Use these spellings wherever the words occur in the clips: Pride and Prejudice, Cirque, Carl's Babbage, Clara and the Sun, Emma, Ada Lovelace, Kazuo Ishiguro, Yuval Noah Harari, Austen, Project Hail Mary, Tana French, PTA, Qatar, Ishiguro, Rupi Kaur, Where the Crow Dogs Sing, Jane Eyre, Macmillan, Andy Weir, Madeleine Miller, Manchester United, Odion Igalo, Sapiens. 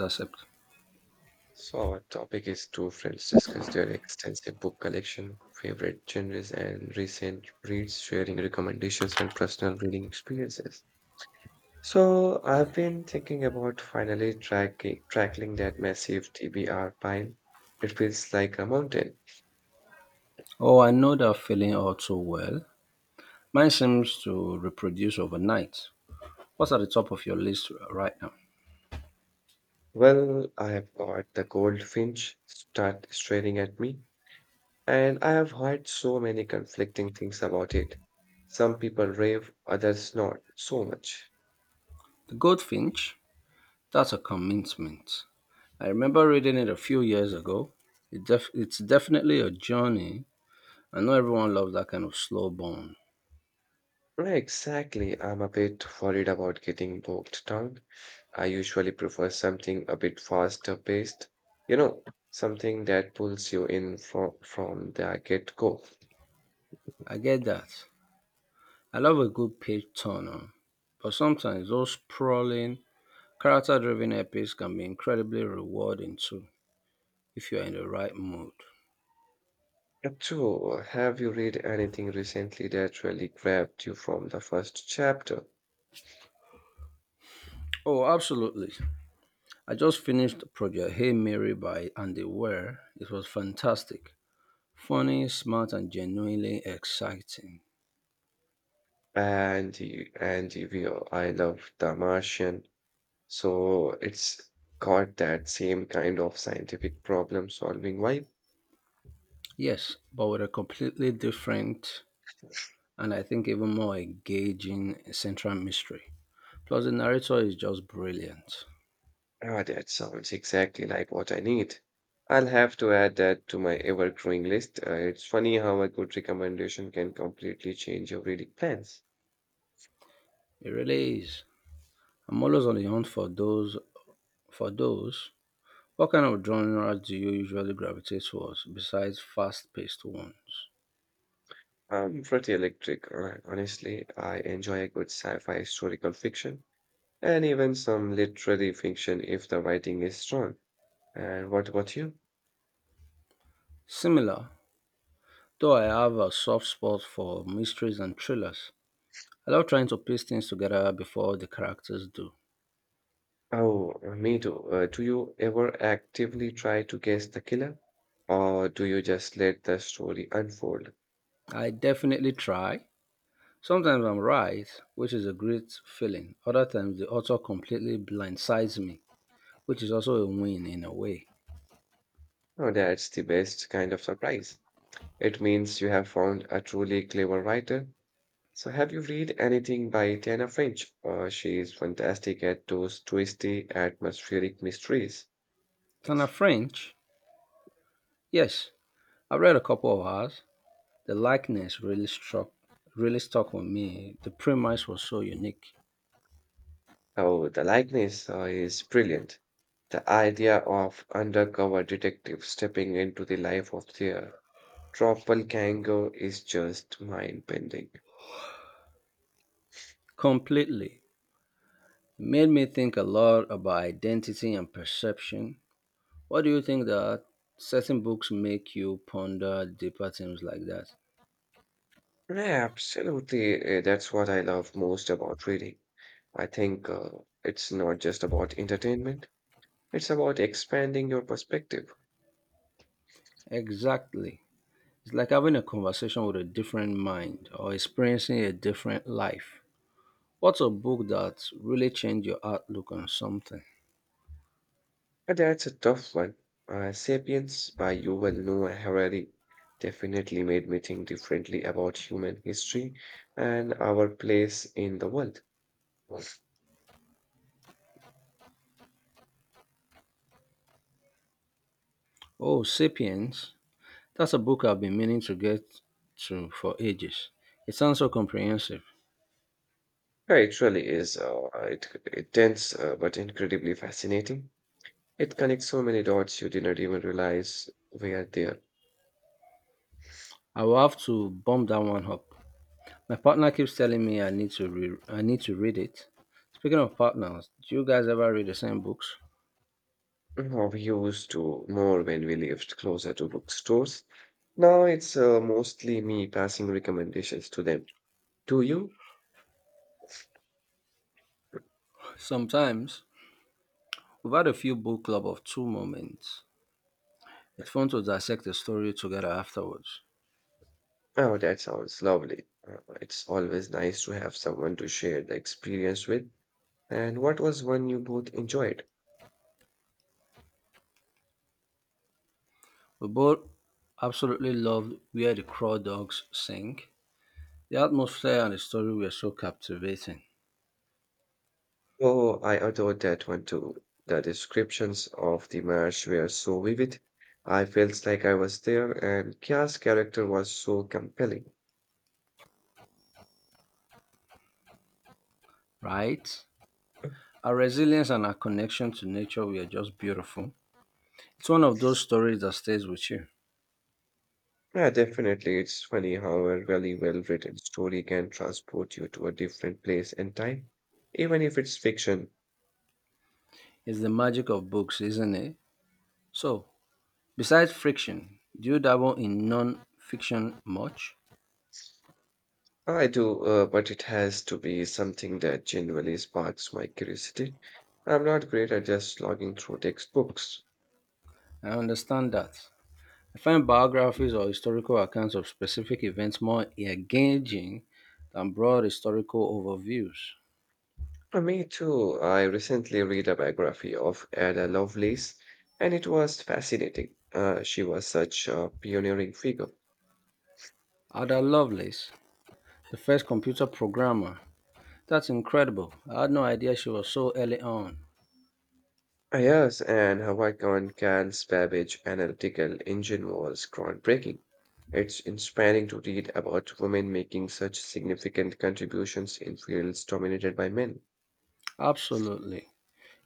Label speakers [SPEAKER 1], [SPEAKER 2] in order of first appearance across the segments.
[SPEAKER 1] Accept.
[SPEAKER 2] So, our topic is two friends discuss their extensive book collection, favorite genres, and recent reads, sharing recommendations and personal reading experiences. So, I've been thinking about finally tracking that massive TBR pile. It feels like a mountain.
[SPEAKER 1] Oh, I know that feeling all too well. Mine seems to reproduce overnight. What's at the top of your list right now?
[SPEAKER 2] Well, I have got the goldfinch start staring at me, and I have heard so many conflicting things about it. Some people rave, others not so much.
[SPEAKER 1] The Goldfinch? That's a commitment. I remember reading it a few years ago. It's definitely a journey. I know everyone loves that kind of slow burn.
[SPEAKER 2] Right, exactly. I'm a bit worried about getting bogged down. I usually prefer something a bit faster paced, you know, something that pulls you in from the get-go.
[SPEAKER 1] I get that. I love a good page turner, but sometimes those sprawling, character driven epics can be incredibly rewarding too, if you're in the right mood.
[SPEAKER 2] And so, have you read anything recently that really grabbed you from the first chapter?
[SPEAKER 1] Oh, absolutely. I just finished Project Hail Mary by Andy Weir. It was fantastic, funny, smart, and genuinely exciting.
[SPEAKER 2] I love The Martian. So it's got that same kind of scientific problem-solving vibe.
[SPEAKER 1] Yes, but with a completely different and I think even more engaging central mystery. Plus, the narrator is just brilliant.
[SPEAKER 2] Ah, that sounds exactly like what I need. I'll have to add that to my ever-growing list. It's funny how a good recommendation can completely change your reading plans.
[SPEAKER 1] It really is. I'm always on the hunt for those. For those, what kind of genre do you usually gravitate towards besides fast-paced ones?
[SPEAKER 2] I'm pretty electric, honestly. I enjoy a good sci-fi historical fiction and even some literary fiction if the writing is strong. And what about you?
[SPEAKER 1] Similar, though I have a soft spot for mysteries and thrillers. I love trying to piece things together before the characters do.
[SPEAKER 2] Oh, me too. Do you ever actively try to guess the killer, or do you just let the story unfold?
[SPEAKER 1] I definitely try. Sometimes I'm right, which is a great feeling. Other times the author completely blindsides me, which is also a win in a way.
[SPEAKER 2] Oh, that's the best kind of surprise. It means you have found a truly clever writer. So, have you read anything by Tana French? She is fantastic at those twisty atmospheric mysteries.
[SPEAKER 1] Tana French, yes, I've read a couple of hers. The likeness really struck, really stuck with me. The premise was so unique,
[SPEAKER 2] Oh, the likeness is brilliant. The idea of undercover detective stepping into the life of their doppelganger is just mind-bending.
[SPEAKER 1] completely. It made me think a lot about identity and perception. What do you think that certain books make you ponder deeper things like that?
[SPEAKER 2] Yeah, absolutely. That's what I love most about reading. I think it's not just about entertainment. It's about expanding your perspective.
[SPEAKER 1] Exactly. It's like having a conversation with a different mind or experiencing a different life. What's a book that really changed your outlook on something?
[SPEAKER 2] And that's a tough one. Sapiens by Yuval Noah Harari definitely made me think differently about human history and our place in the world. Yeah,
[SPEAKER 1] Oh, Sapiens. That's a book I've been meaning to get to for ages. It sounds so comprehensive.
[SPEAKER 2] it really is. It dense but incredibly fascinating. It connects so many dots you didn't even realize were there.
[SPEAKER 1] I will have to bump that one up. My partner keeps telling me I need to read it. Speaking of partners, do you guys ever read the same books?
[SPEAKER 2] Now we used to more when we lived closer to bookstores. Now it's mostly me passing recommendations to them. Do you?
[SPEAKER 1] Sometimes, we've had a few book club of two moments. It's fun to dissect the story together afterwards.
[SPEAKER 2] Oh, that sounds lovely. It's always nice to have someone to share the experience with. And what was one you both enjoyed?
[SPEAKER 1] We both absolutely loved where the crow dogs sing. The atmosphere and the story were so captivating,
[SPEAKER 2] Oh, I adored that one too. The descriptions of the marsh were so vivid. I felt like I was there, and Kya's character was so compelling.
[SPEAKER 1] right? Our resilience and our connection to nature were just beautiful. It's one of those stories that stays with you.
[SPEAKER 2] Yeah, definitely. It's funny how a really well written story can transport you to a different place and time, even if it's fiction.
[SPEAKER 1] It's the magic of books, isn't it? So, besides friction, do you dabble in non fiction much?
[SPEAKER 2] I do, but it has to be something that genuinely sparks my curiosity. I'm not great at just logging through textbooks.
[SPEAKER 1] I understand that. I find biographies or historical accounts of specific events more engaging than broad historical overviews.
[SPEAKER 2] Me too. I recently read a biography of Ada Lovelace, and it was fascinating. She was such a pioneering figure.
[SPEAKER 1] Ada Lovelace, the first computer programmer. That's incredible. I had no idea she was so early on.
[SPEAKER 2] Yes, and her work on Carl's Babbage analytical engine was groundbreaking. It's inspiring to read about women making such significant contributions in fields dominated by men.
[SPEAKER 1] Absolutely.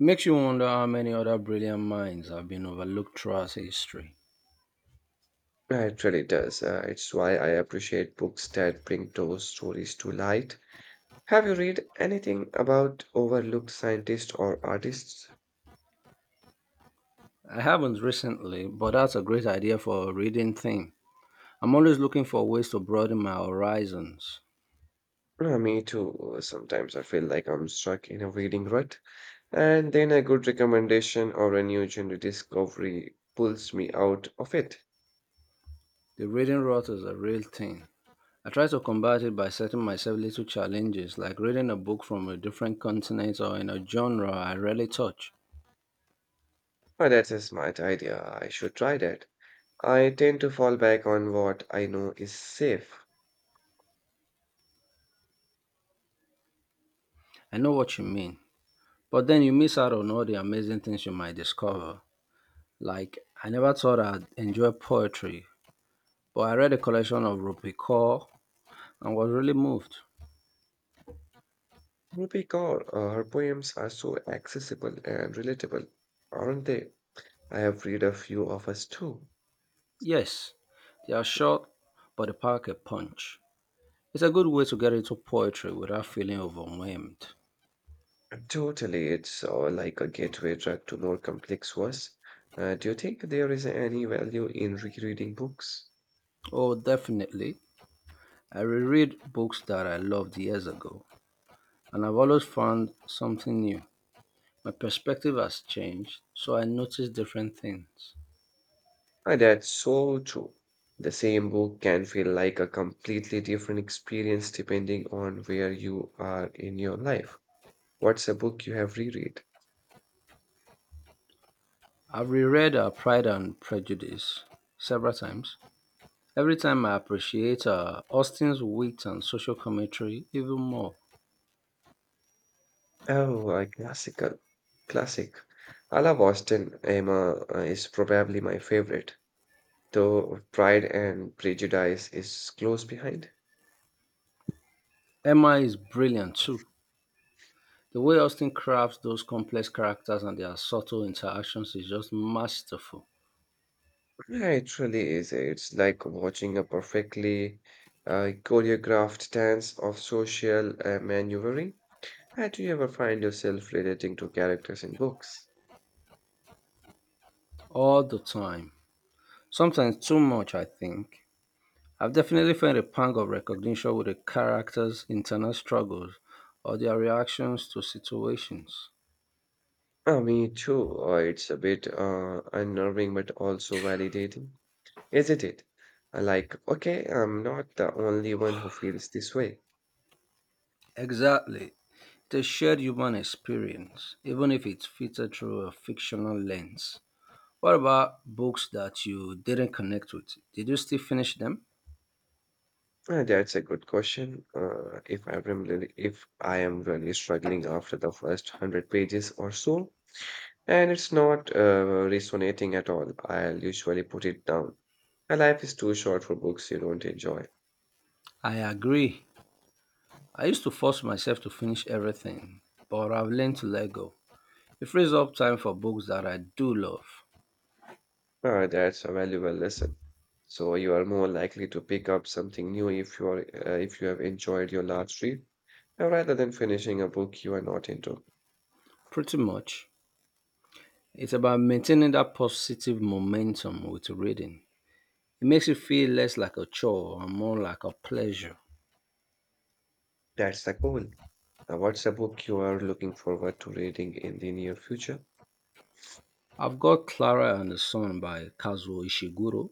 [SPEAKER 1] Makes you wonder how many other brilliant minds have been overlooked throughout history.
[SPEAKER 2] It really does. It's why I appreciate books that bring those stories to light. Have you read anything about overlooked scientists or artists?
[SPEAKER 1] I haven't recently, but that's a great idea for a reading theme. I'm always looking for ways to broaden my horizons.
[SPEAKER 2] Me too. Sometimes I feel like I'm stuck in a reading rut, and then a good recommendation or a new genre discovery pulls me out of it.
[SPEAKER 1] The reading rot is a real thing. I try to combat it by setting myself little challenges, like reading a book from a different continent or in a genre I rarely touch.
[SPEAKER 2] Oh, that's a smart idea. I should try that. I tend to fall back on what I know is safe.
[SPEAKER 1] I know what you mean, but then you miss out on all the amazing things you might discover. Like, I never thought I'd enjoy poetry, but I read a collection of Rupi Kaur and was really moved.
[SPEAKER 2] Rupi Kaur, her poems are so accessible and relatable, aren't they? I have read a few of us too.
[SPEAKER 1] Yes, they are short, but they pack a punch. It's a good way to get into poetry without feeling overwhelmed.
[SPEAKER 2] Totally, it's like a gateway drug to more complex ones. Do you think there is any value in rereading books?
[SPEAKER 1] Oh, definitely. I reread books that I loved years ago and I've always found something new. My perspective has changed, so I notice different things.
[SPEAKER 2] That's so true. The same book can feel like a completely different experience depending on where you are in your life. What's a book you have reread?
[SPEAKER 1] I've reread our Pride and Prejudice several times. Every time I appreciate Austin's wit and social commentary even more.
[SPEAKER 2] Oh, a classical. Classic. I love Austin Emma is probably my favorite, though Pride and Prejudice is close behind.
[SPEAKER 1] Emma is brilliant too. The way Austen crafts those complex characters and their subtle interactions is just masterful
[SPEAKER 2] Yeah, it really is. It's like watching a perfectly choreographed dance of social maneuvering. Do you ever find yourself relating to characters in books?
[SPEAKER 1] all the time. Sometimes too much, I think. I've definitely felt a pang of recognition with the characters' internal struggles or their reactions to situations.
[SPEAKER 2] Me too. It's a bit unnerving but also validating, isn't it? Like, okay, I'm not the only one who feels this way.
[SPEAKER 1] Exactly. The shared human experience, even if it's filtered through a fictional lens. What about books that you didn't connect with? Did you still finish them?
[SPEAKER 2] That's a good question. If I am really struggling after the first hundred pages or so, and it's not resonating at all. I'll usually put it down. My life is too short for books you don't enjoy.
[SPEAKER 1] I agree. I used to force myself to finish everything, but I've learned to let go. It frees up time for books that I do love.
[SPEAKER 2] That's a valuable lesson. So you are more likely to pick up something new if you are if you have enjoyed your last read, rather than finishing a book you are not into.
[SPEAKER 1] Pretty much. It's about maintaining that positive momentum with reading. It makes it feel less like a chore and more like a pleasure.
[SPEAKER 2] That's the goal. Now, what's a book you are looking forward to reading in the near future?
[SPEAKER 1] I've got Clara and the Sun by Kazuo Ishiguro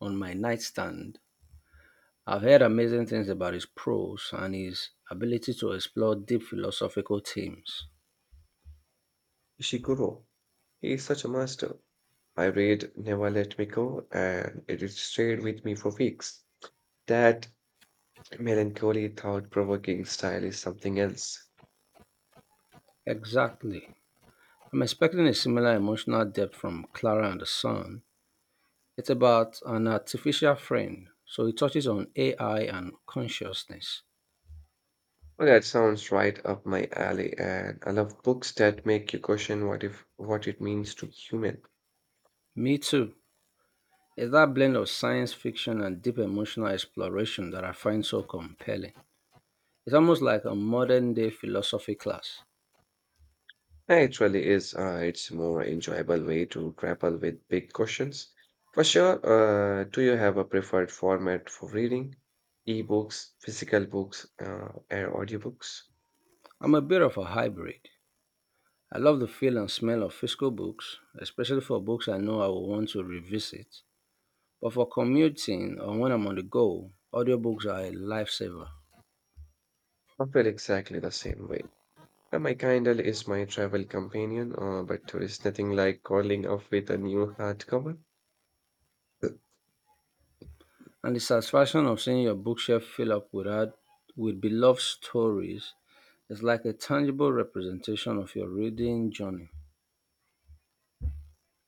[SPEAKER 1] on my nightstand. I've heard amazing things about his prose and his ability to explore deep philosophical themes.
[SPEAKER 2] Ishiguro. He is such a master. I read Never Let Me Go, and it has stayed with me for weeks. That melancholy, thought-provoking style is something else.
[SPEAKER 1] Exactly. I'm expecting a similar emotional depth from Clara and the Sun. It's about an artificial friend, so it touches on AI and consciousness.
[SPEAKER 2] Well, that sounds right up my alley, and I love books that make you question what if what it means to be human.
[SPEAKER 1] Me too. It's that blend of science fiction and deep emotional exploration that I find so compelling. It's almost like a modern day philosophy class.
[SPEAKER 2] It really is. It's more enjoyable way to grapple with big questions. For sure, do you have a preferred format for reading? Ebooks, physical books, or audiobooks?
[SPEAKER 1] I'm a bit of a hybrid. I love the feel and smell of physical books, especially for books I know I will want to revisit. But for commuting or when I'm on the go, audiobooks are a lifesaver.
[SPEAKER 2] I feel exactly the same way. My Kindle is my travel companion, but there is nothing like calling up with a new hardcover.
[SPEAKER 1] And the satisfaction of seeing your bookshelf fill up with, art, with beloved stories is like a tangible representation of your reading journey.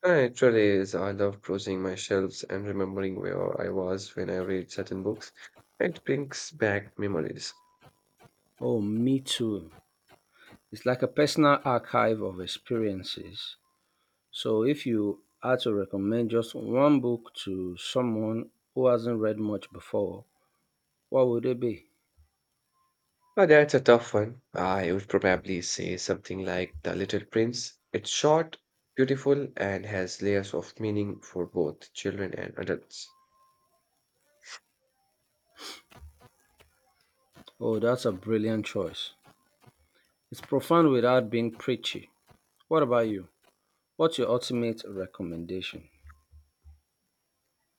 [SPEAKER 2] It really is. I love browsing my shelves and remembering where I was when I read certain books. It brings back memories.
[SPEAKER 1] Oh, me too. It's like a personal archive of experiences. So if you had to recommend just one book to someone who hasn't read much before, what would it be?
[SPEAKER 2] Oh, that's a tough one. I would probably say something like The Little Prince. It's short, beautiful, and has layers of meaning for both children and adults.
[SPEAKER 1] Oh, that's a brilliant choice. It's profound without being preachy. What about you? What's your ultimate recommendation?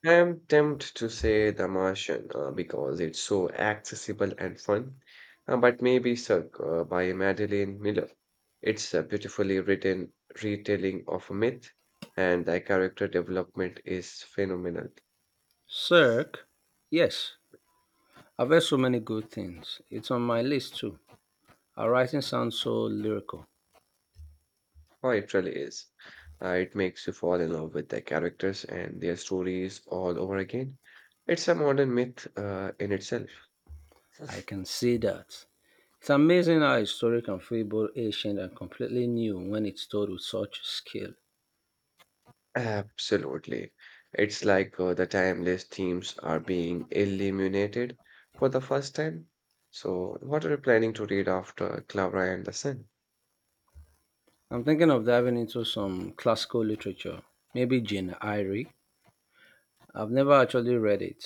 [SPEAKER 2] I am tempted to say The Martian because it's so accessible and fun, but maybe Cirque by Madeleine Miller. It's a beautifully written retelling of a myth, and the character development is phenomenal.
[SPEAKER 1] Cirque? Yes, I've heard so many good things. It's on my list too. Her writing sounds so lyrical.
[SPEAKER 2] Oh, it really is. It makes you fall in love with their characters and their stories all over again. It's a modern myth in itself.
[SPEAKER 1] I can see that. It's amazing how a story can feel both ancient and completely new when it's told with such skill.
[SPEAKER 2] Absolutely. It's like the timeless themes are being illuminated for the first time. So, what are you planning to read after Clara and the Sun?
[SPEAKER 1] I'm thinking of diving into some classical literature, maybe Jane Eyre. I've never actually read it.